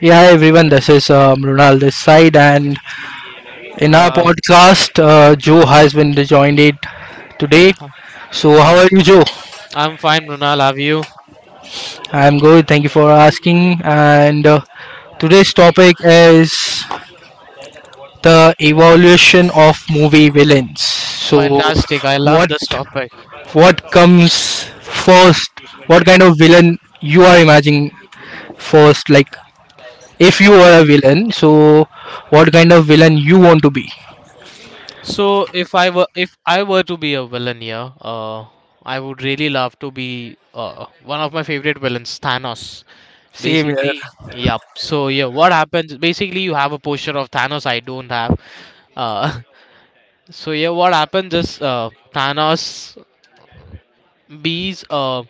Yeah everyone, this is Mrunal this side, and in our Uh, podcast, Joe has been joined it today. uh, So, how uh, are you, Joe? I'm fine, Brunal. Have you? I'm good, thank you for asking. And today's topic is the evolution of movie villains. So, Fantastic. I love what this topic. what comes first? What kind of villain you are imagining first? Like, if you were a villain, so what kind of villain you want to be? So, if I were to be a villain here, I would really love to be one of my favorite villains, Thanos. Same here. Basically, yeah. So yeah, what happens? Basically, you have a posture of Thanos. I don't have. Uh, so yeah, what happens is Thanos bees.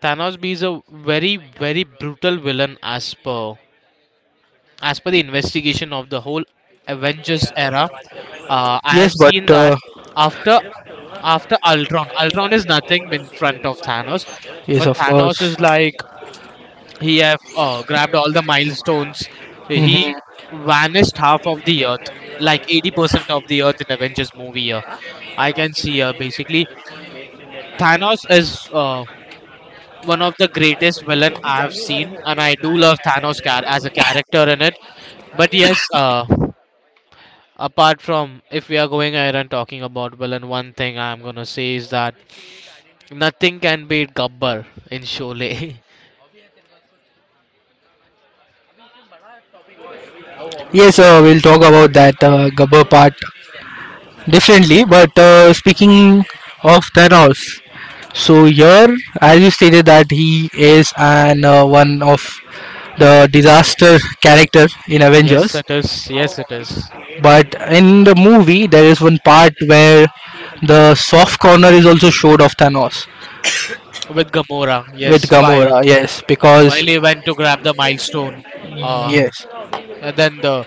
Thanos bees a very very brutal villain as per the investigation of the whole Avengers era, I have Yes, seen but that after after Ultron, Ultron is nothing in front of Thanos, yes, but of Thanos course. is like he have grabbed all the milestones. He Mhm. vanished half of the Earth, like 80% of the Earth in Avengers movie. Here, I can see here basically Thanos is. One of the greatest villain I have seen, and I do love Thanos as a character in it. But yes, apart from if we are going ahead and talking about villain, one thing I'm gonna say is that nothing can beat Gabbar in Sholay. Yes, we'll talk about that Gabber part differently. But speaking of Thanos, so here, as you stated, that he is an one of the disaster character in yes, Avengers. it is. Yes, it is. But in the movie, there is one part where the soft corner is also showed of Thanos With Gamora, with yes. While Gamora. Yes, while because he went to grab the milestone, uh, yes, and then the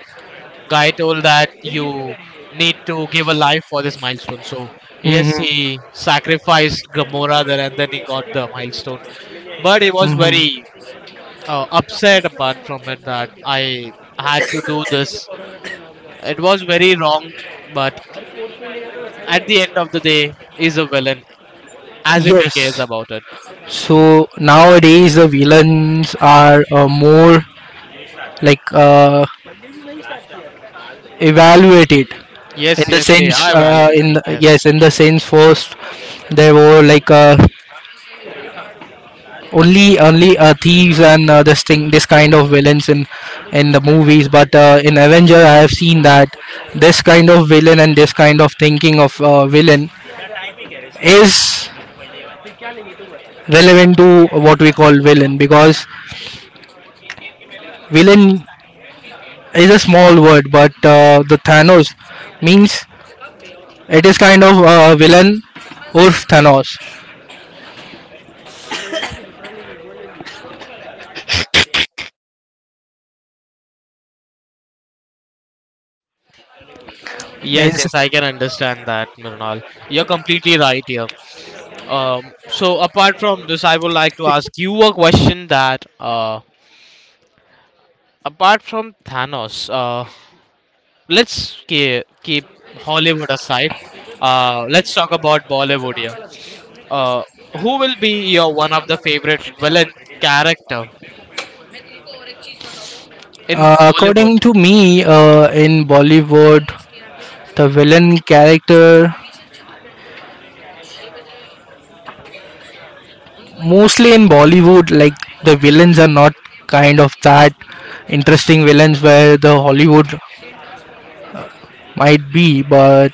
guy told that you need to give a life for this milestone. So yes, mhm. he sacrificed Gamora there, and then he got the milestone. But he was Mhm. very upset apart from it that I had to do this. It was very wrong, but at the end of the day, is a villain as if he cares Yes. about it. So nowadays the villains are more like evaluated in Yes, the yes, they sense are in evaluating. the, Yes, yes in the sense first there were like only thieves and this kind of villains in the movies but in Avenger I have seen that this kind of villain and this kind of thinking of villain is relevant to what we call villain because villain is a small word, but the Thanos means it is kind of villain or Thanos. yes, Means yes. I can understand that, Mrinal. You're completely right here. So apart from this, I would like to ask you a question that, apart from Thanos, let's keep Hollywood aside. Let's talk about Bollywood here. Uh, who will be your one of the favorite villain character in Bollywood? according to me, in Bollywood, the villain character mostly in Bollywood, like the villains are not kind of that interesting villains where the Hollywood might be, but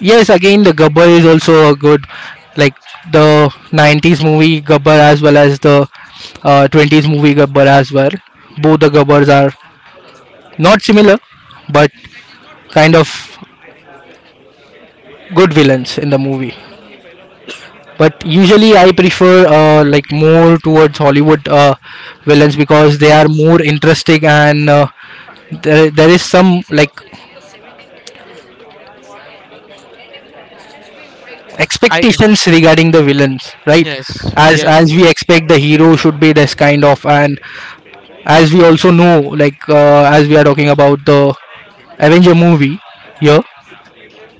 yes, again, the Gabbar is also a good, like the 90s movie Gabbar as well as the 20s movie Gabbar as well. Both the Gabbars are not similar, but kind of good villains in the movie. But usually, I prefer like more towards Hollywood villains because they are more interesting and there is some like I expectations regarding the villains, right? yes, yes, As we yes, expect, the hero should be this kind of and as we also know, like as we are talking about the Avenger movie here,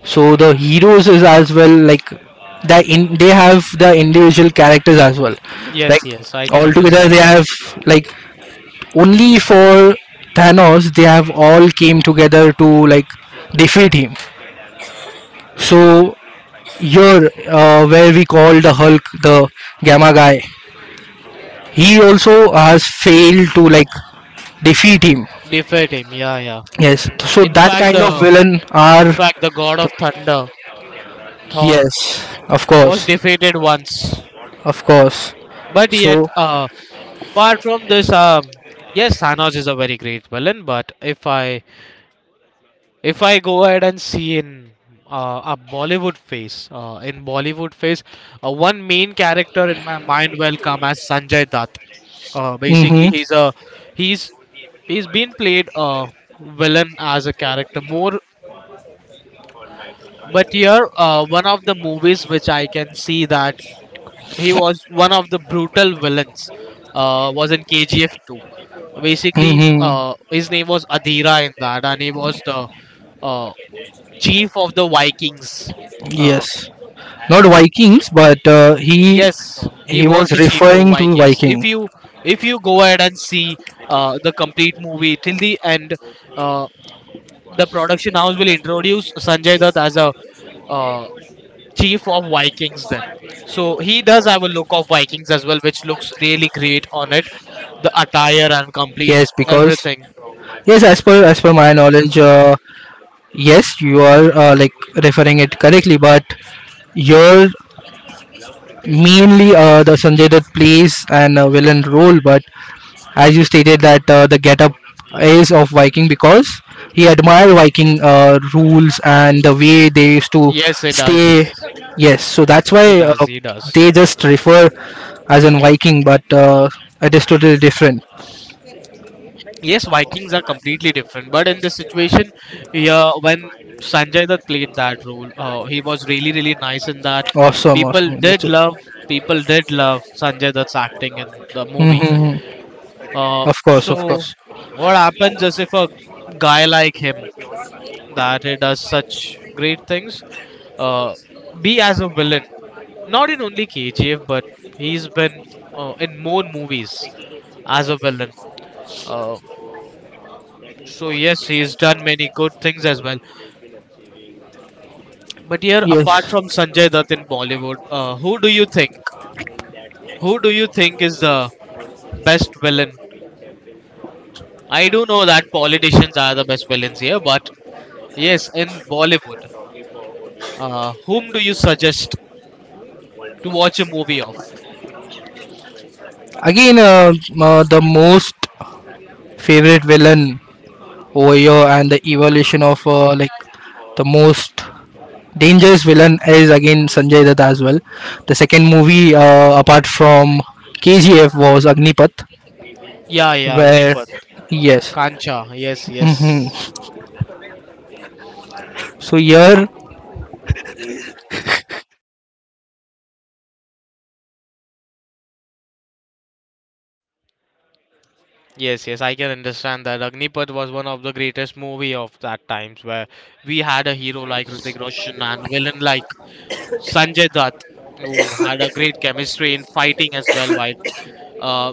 so the heroes is as well like they have the individual characters as well. yes, Like yes. I can altogether, understand they that. have like only for Thanos, they have all came together to like defeat him. So here, where we call the Hulk the Gamma guy, he also has failed to like defeat him. Defeat him. Yeah, yeah. Yes, so In that fact, kind of the villain in are fact the god of thunder, Thor, yes, of was course, defeated once. of course. But yet, So, apart from this, yes, Thanos is a very great villain. But if I go ahead and see in a Bollywood face, in Bollywood face, one main character in my mind will come as Sanjay Dutt. Basically, mm-hmm. He's he's been played a villain as a character more but here one of the movies which I can see that he was one of the brutal villains was in KGF 2. Basically Mm-hmm. His name was Adira in that and he was the uh, chief of the Vikings. uh, Yes, not Vikings, but yes he he was was the chief of referring to Vikings. Viking. If you go ahead and see the complete movie till the end, uh, the production house will introduce Sanjay Dutt as a uh, chief of Vikings then. So he does have a look of Vikings as well, which looks really great on it. The attire and complete Yes, because everything. yes, as per my knowledge, yes, you are like referring it correctly. But you're mainly the Sanjay Dutt plays an villain role, but as you stated that the getup is of Viking because he admired Viking rules and the way they used to Yes, he stay. does. Yes, so that's He why does. He does. they just refer as in Viking, but it is totally different. Yes, Vikings are completely different, but in this situation, yeah, when Sanjay that played that role, he was really really nice in that. Awesome, People awesome. did love. People did love Sanjay Dutt's acting in the movie. Mm-hmm. Of course, of So course. what happens is if a guy like him that he does such great things. Uh, be as a villain, not in only KGF, but he's been in more movies as a villain. Uh, so yes, he's done many good things as well. But here, apart Yes. from Sanjay Dutt in Bollywood, who do you think? Who do you think is the best villain? I do know that politicians are the best villains here, but yes, in Bollywood, whom do you suggest to watch a movie of? Again, the most favorite villain over here and the evolution of like the most dangerous villain is again Sanjay Dutt as well. The second movie, apart from KGF, was Agnipath, Yeah, yeah, where Agnipath. yes, Kancha, yes, hmm yes. so here Yes, yes, I can understand that. Agnipath was one of the greatest movie of that times where we had a hero like Hrithik Roshan and villain like Sanjay Dutt, who had a great chemistry in fighting as well while uh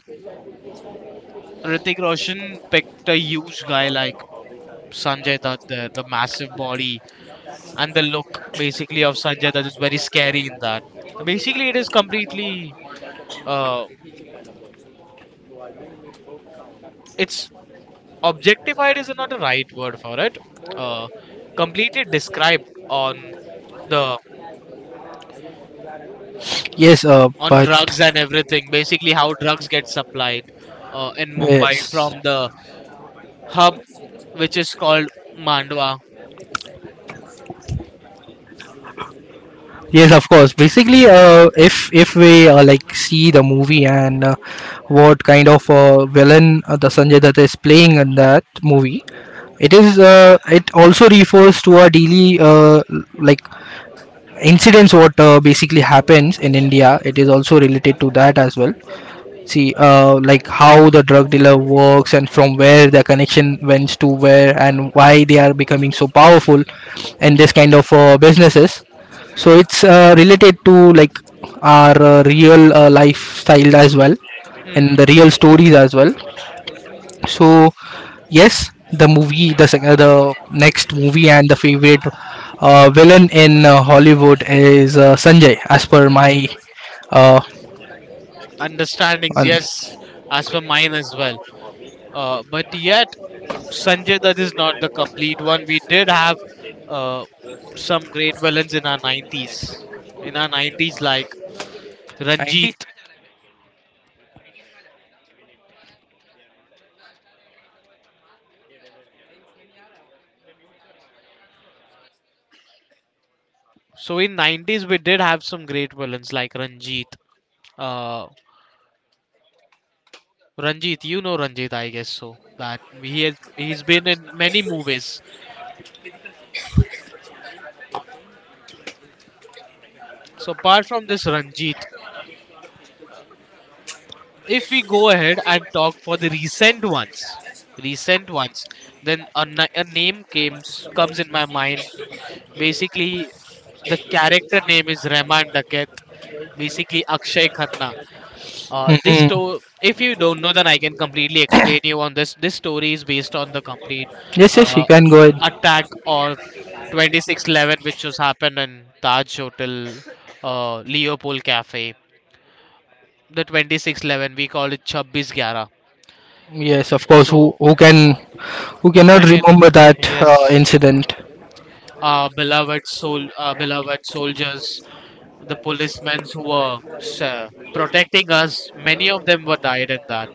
Hrithik Roshan picked a huge guy like Sanjay Dutt, the massive body and the look basically of Sanjay Dutt is very scary in that. Basically it is completely uh it's objectified is not a right word for it. uh Completely described on the yes, on but drugs and everything. Basically how drugs get supplied in Mumbai yes, from the hub which is called Mandwa. yes, of course. Basically, if we like see the movie and what kind of villain the Sanjay Dutt is playing in that movie, it is it also refers to a daily like incidents what basically happens in India. It is also related to that as well. See, like how the drug dealer works and from where the connection went to where and why they are becoming so powerful in this kind of businesses. So it's related to like our real lifestyle as well, and Hmm, the real stories as well. So yes, the next movie and the favorite villain in Hollywood is Sanjay as per my uh, understandings un- yes, as per mine as well. But yet Sanjay that is not the complete one. We did have uh, some great villains in our 90s, like 90. Ranjit. So in 90s we did have some great villains like Ranjit. Uh, Ranjit, you know Ranjit, I guess so. That he has he's been in many movies. So apart from this Ranjit, if we go ahead and talk for the recent ones, recent ones, then a name comes in my mind. Basically, the character name is Rahman Daket. Basically, Akshay Khanna. This Mhm. story, if you don't know, then I can completely explain you on this. This story is based on the complete Yes, yes, you uh, can go attack of ahead. 2611, which was happened in Taj Hotel, Leopold Cafe. The 2611, we call it 2611. Yes, of course. Who So who can who cannot who can? remember that Yes, incident? Beloved soul, beloved soldiers, the policemen who were protecting us. Many of them were died in that.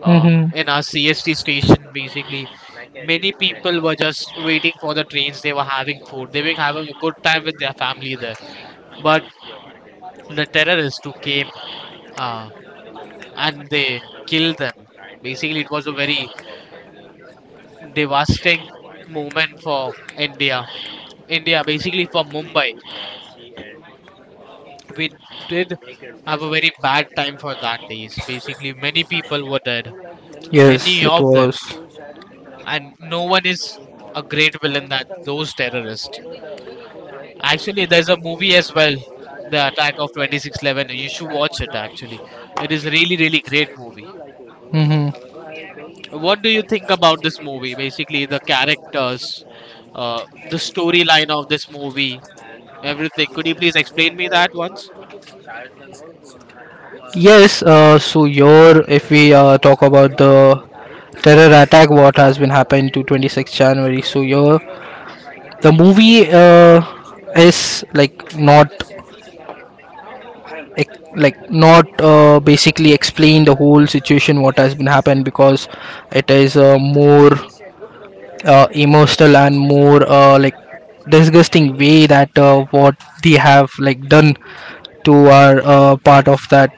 Hmm. In our CST station, basically many people were just waiting for the trains. They were having food. They were having a good time with their family there. But the terrorists who came uh, and they killed them. Basically, it was a very devastating moment for India. India, basically for Mumbai. We did have a very bad time for that days. Basically, many people were dead. Yes, Many it of them. was. And no one is a great villain that those terrorists. Actually, there's a movie as well, The Attack of 2611. You should watch it actually. It is a really, really great movie. Hmm. What do you think about this movie? Basically, the characters, uh, the storyline of this movie, everything. Could you please explain me that once? Yes, so your if we talk about the terror attack what has been happened to 26 January, so your the movie is like not like not basically explain the whole situation what has been happened, because it is a more emotional and more like disgusting way that what they have like done to our part of that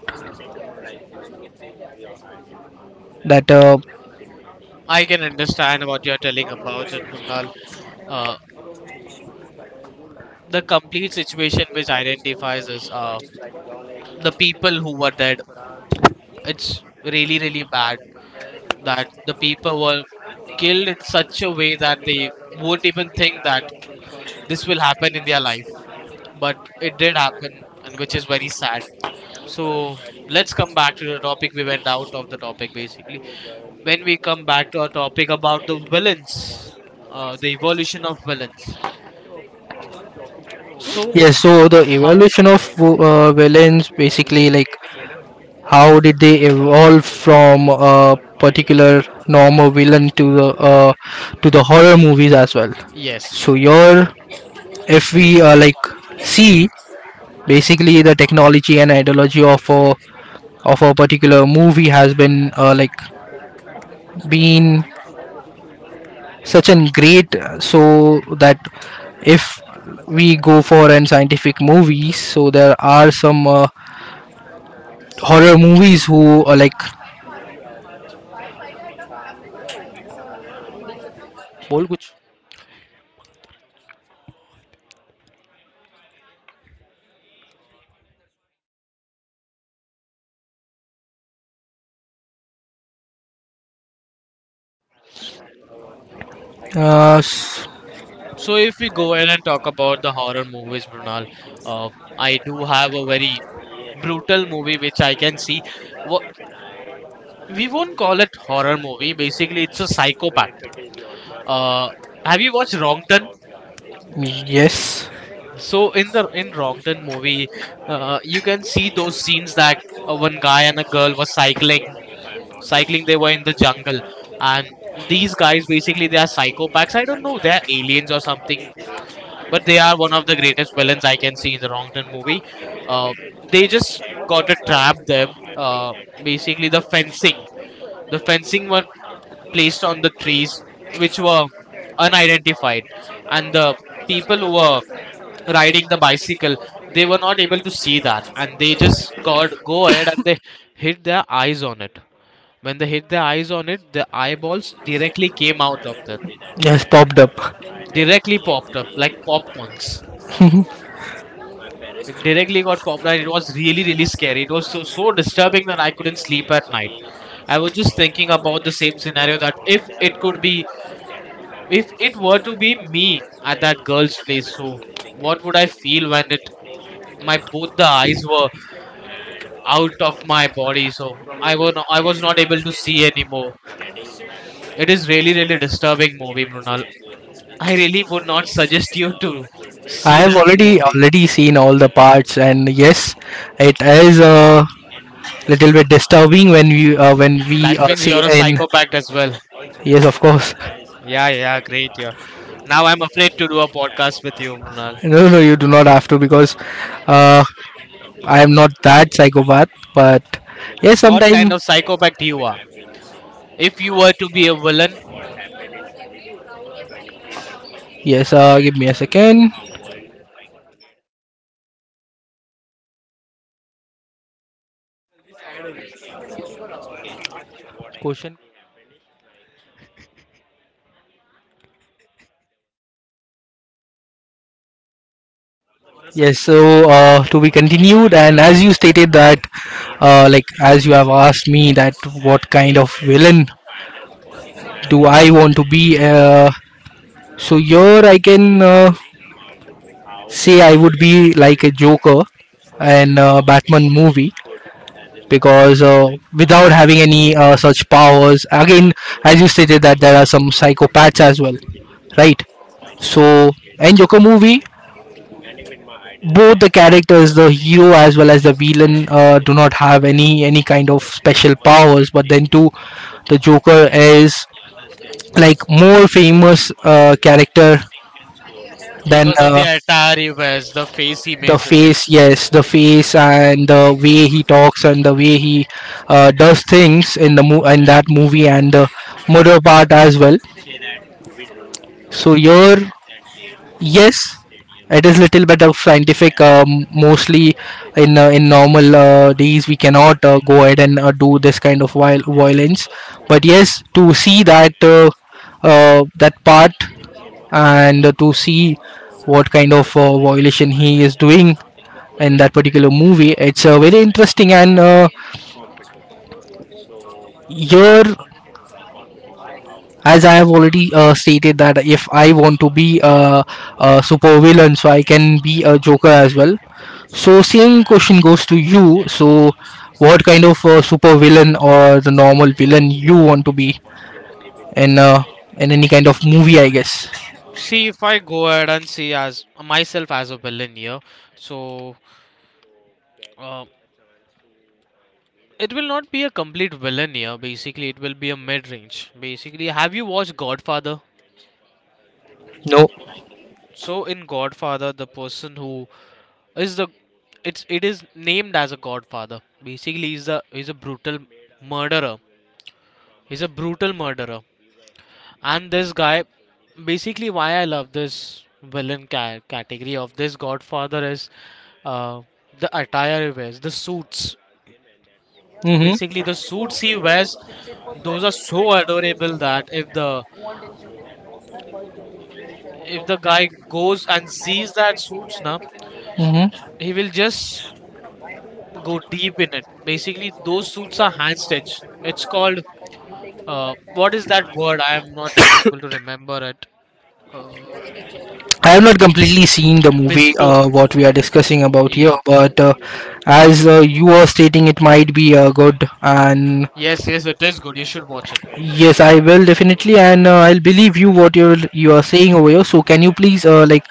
that uh, I can understand what you're telling about it, Murnal. Uh, the complete situation which identifies us, the people who were dead. It's really, really bad that the people were killed in such a way that they won't even think that this will happen in their life. But it did happen, and which is very sad. So let's come back to the topic. We went out of the topic basically. When we come back to our topic about the villains, the evolution of villains. So, Yes, so the how? evolution of villains basically like how did they evolve from a particular normal villain to the horror movies as well. So Yes. your if we like see basically the technology and ideology of a particular movie has been like been such an great so that if we go for an scientific movies so there are some horror movies who are like बोल कुछ uh s- So if we go ahead and talk about the horror movies, Brunal, uh, I do have a very brutal movie which I can see. We won't call it horror movie. Basically, it's a psychopath. Uh, have you watched Wrong Turn? yes, So in the in Wrong Turn movie, you can see those scenes that one guy and a girl were cycling. Cycling, they were in the jungle, and these guys basically they are psychopaths. I don't know, they are aliens or something, but they are one of the greatest villains I can see in the Wrong Turn movie. Uh, they just got to trap them. Basically the fencing. The fencing one placed on the trees which were unidentified and the people who were riding the bicycle, they were not able to see that and they just got go ahead and they hit their eyes on it. When they hit their eyes on it, the eyeballs directly came out of them, yes popped up. directly popped up like popcorns. I It directly got popped out. It was really really scary. It was so so disturbing that I couldn't sleep at night. I was just thinking about the same scenario that if it could be. If it were to be me at that girl's place, so what would I feel when it my both the eyes were out of my body, so I was not able to see anymore. It is really really disturbing movie, Mrunal. I really would not suggest you to see have that already movie. already seen all the parts, and yes, it is a little bit disturbing when we That means say you're a in psychopath as well. yes of course. Yeah, yeah, great, yeah. Now I'm afraid to do a podcast with you, Mrunal. No, no, you do not have to because uh I am not that psychopath, but yes What kind sometime of psychopath you are? If you were to be a villain yes give me a second. Question. Yes, so to be continued, and as you stated that, like as you have asked me that what kind of villain do I want to be, so here I can say I would be like a Joker in Batman movie, because without having any such powers, again, as you stated that there are some psychopaths as well, right? So in Joker movie, both the characters, the hero as well as the villain, do not have any kind of special powers. But then too, the Joker is like more famous character than because of the attire he wears, the face he the makes, face. makes Yes, the face and the way he talks and the way he does things in in that movie and the murder part as well. So here yes, it is little bit of scientific. Mostly in normal days we cannot go ahead and do this kind of violence. But yes, to see that that part and to see what kind of violation he is doing in that particular movie, it's very interesting. And here as I have already stated that if I want to be a super villain, so I can be a Joker as well. So same question goes to you. So what kind of super villain or the normal villain you want to be in uh, in any kind of movie? I guess See, if I go ahead and see as myself as a villain here, so uh, it will not be a complete villain here. Basically, it will be a mid range. Basically, have you watched Godfather? no. So in Godfather, the person who is the it is named as a Godfather. Basically, he's a brutal murderer. He's a brutal murderer. And this guy, basically, why I love this villain category of this Godfather is uh, the attire he wears, the suits. Mm-hmm. Basically, the suits he wears, those are so adorable that if the guy goes and sees that suits now, Mm-hmm. he will just go deep in it. Basically, those suits are hand stitched. It's called what is that word? I am not able to remember it. Uh, I have not completely seen the movie Bespoke. what we are discussing about here, Yeah, but as you were stating, it might be good. And yes, yes, it is good. You should watch it. yes, I will definitely, and I'll believe you what you are saying over here. So, can you please like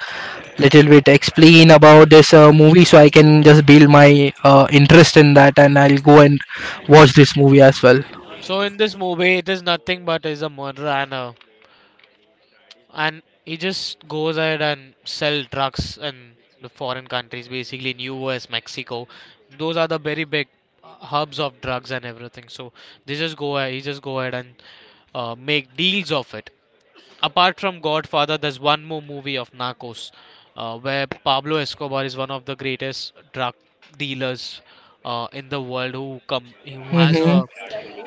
little bit explain about this movie so I can just build my interest in that, and I'll go and watch this movie as well. So in this movie, it is nothing but is a murderer and a, and he just goes ahead and sell drugs in the foreign countries, basically in U.S., Mexico. Those are the very big hubs of drugs and everything. So they just go ahead, he just go ahead and make deals of it. Apart from Godfather, there's one more movie of Narcos, where Pablo Escobar is one of the greatest drug dealers in the world who has Mm-hmm. a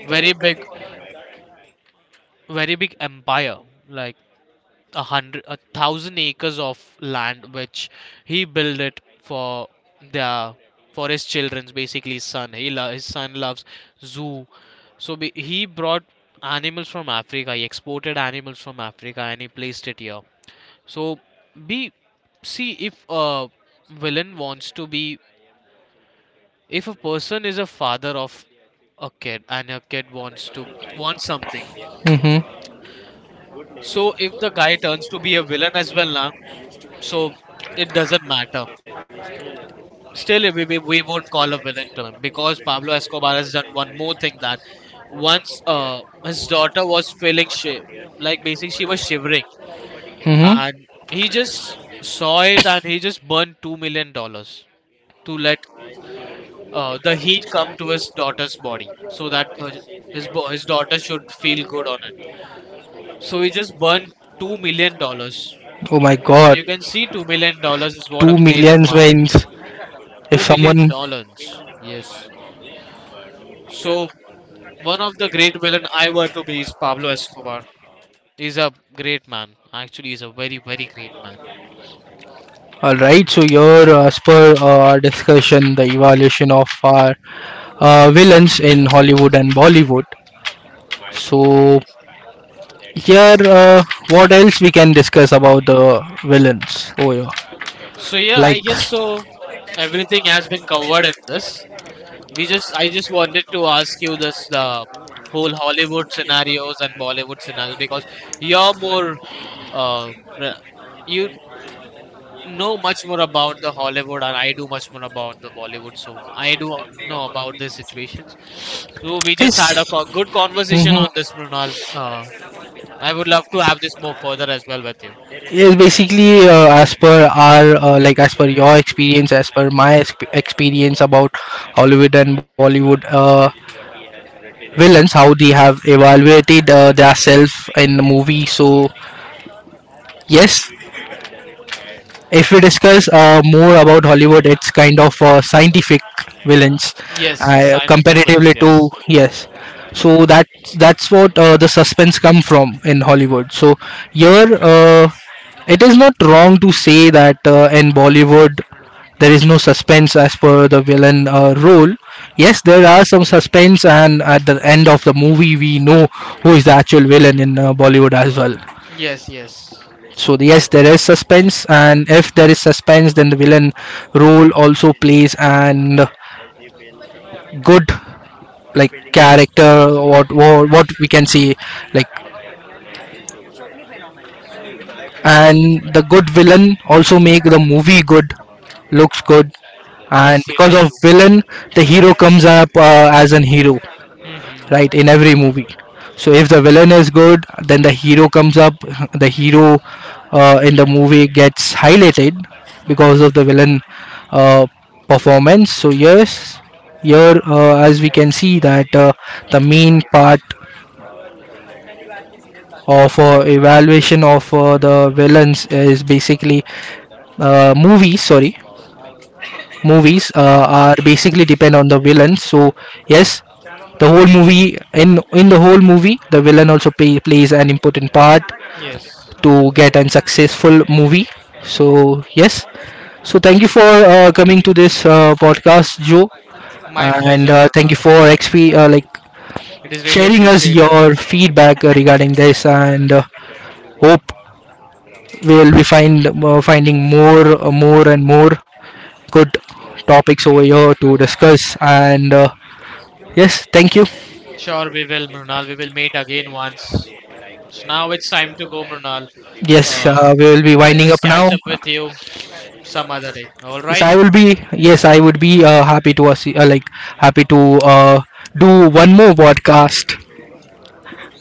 very big very big empire like a hundred a thousand acres of land which he built it for their for his children's basically his son his son loves zoo. So he brought animals from Africa. He exported animals from Africa and he placed it here. So be see, if a villain wants to be, if a person is a father of a kid and a kid wants to want something, Mm-hmm. so if the guy turns to be a villain as well na. So it doesn't matter. Still, we won't call a villain to him because Pablo Escobar has done one more thing that once his daughter was feeling shi like basically she was shivering and he just saw it and he just burned $2 million to let the heat come to his daughter's body so that his daughter should feel good on it. So he just burned $2 million. Oh my god. You can see $2 million is Going what a to great millions amount. means if Two million someone dollars. Yes. So one of the great villain I were to be is Pablo Escobar. He's a great man. Actually, he's a very very great man. all right, so your as per our discussion, the evaluation of our villains in Hollywood and Bollywood. So here, what else we can discuss about the villains over So here? yeah, I Like, guess so. Everything has been covered in this. We just I just wanted to ask you this the whole Hollywood scenarios and Bollywood scenarios because you're more uh re- you know much more about the Hollywood and I do much more about the Bollywood. So I do know about these situations. So we just had is a good conversation mhm. on this, Mrinal. I would love to have this more further as well with you. Yes, basically, as per our like as per your experience, as per my experience about Hollywood and Bollywood. Villains, how they have evaluated their self in the movie. So yes, if we discuss more about Hollywood, it's kind of scientific villains. Yes, yes, Yes, scientific villains. comparatively to Yes, yes. So that that's what the suspense come from in Hollywood. So here, it is not wrong to say that in Bollywood there is no suspense as per the villain role. Yes, there are some suspense, and at the end of the movie, we know who is the actual villain in Bollywood as well. yes, yes, So yes, there is suspense, and if there is suspense, then the villain role also plays and good like character what we can see like, and the good villain also make the movie good, looks good, and yes, yeah, because they of do. villain the hero comes up as an hero, Hmm. right, in every movie. So if the villain is good, then the hero comes up, the hero in the movie gets highlighted because of the villain uh, performance. So yes, here as we can see that the main part of evaluation of the villains is basically uh, movies sorry movies are basically depend on the villain. So yes, the whole movie, in the whole movie, the villain also plays an important part Yes, to get a successful movie. So yes, so thank you for coming to this podcast, Joe, my and pleasure, thank you Mrinal. for XP like It is really sharing us appreciated. your feedback regarding this, and hope we'll be finding more, more and more good topics over here to discuss and. Yes, thank you. Sure, we will, Mrinal. We will meet again once. So now it's time to go, Mrinal. Yes, Uh, we will be I'll winding just up now. catch up with you some other day. All Yes, right? I will be. Yes, I would be happy to like happy to uh, do one more podcast.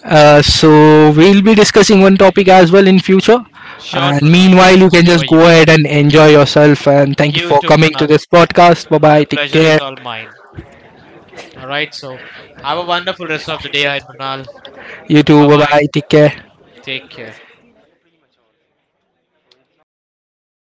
So we'll be discussing one topic as well in future. Sure, And Mrinal. meanwhile, Sure, you can whenever just go you ahead want. and enjoy yourself. And thank you You for too, coming to Mrinal. this podcast. Bye The bye. Take pleasure is care. all mine. All right. So have a wonderful rest of the day, Aid Munal. You too. Bye Bye bye. bye. Take care. Take care.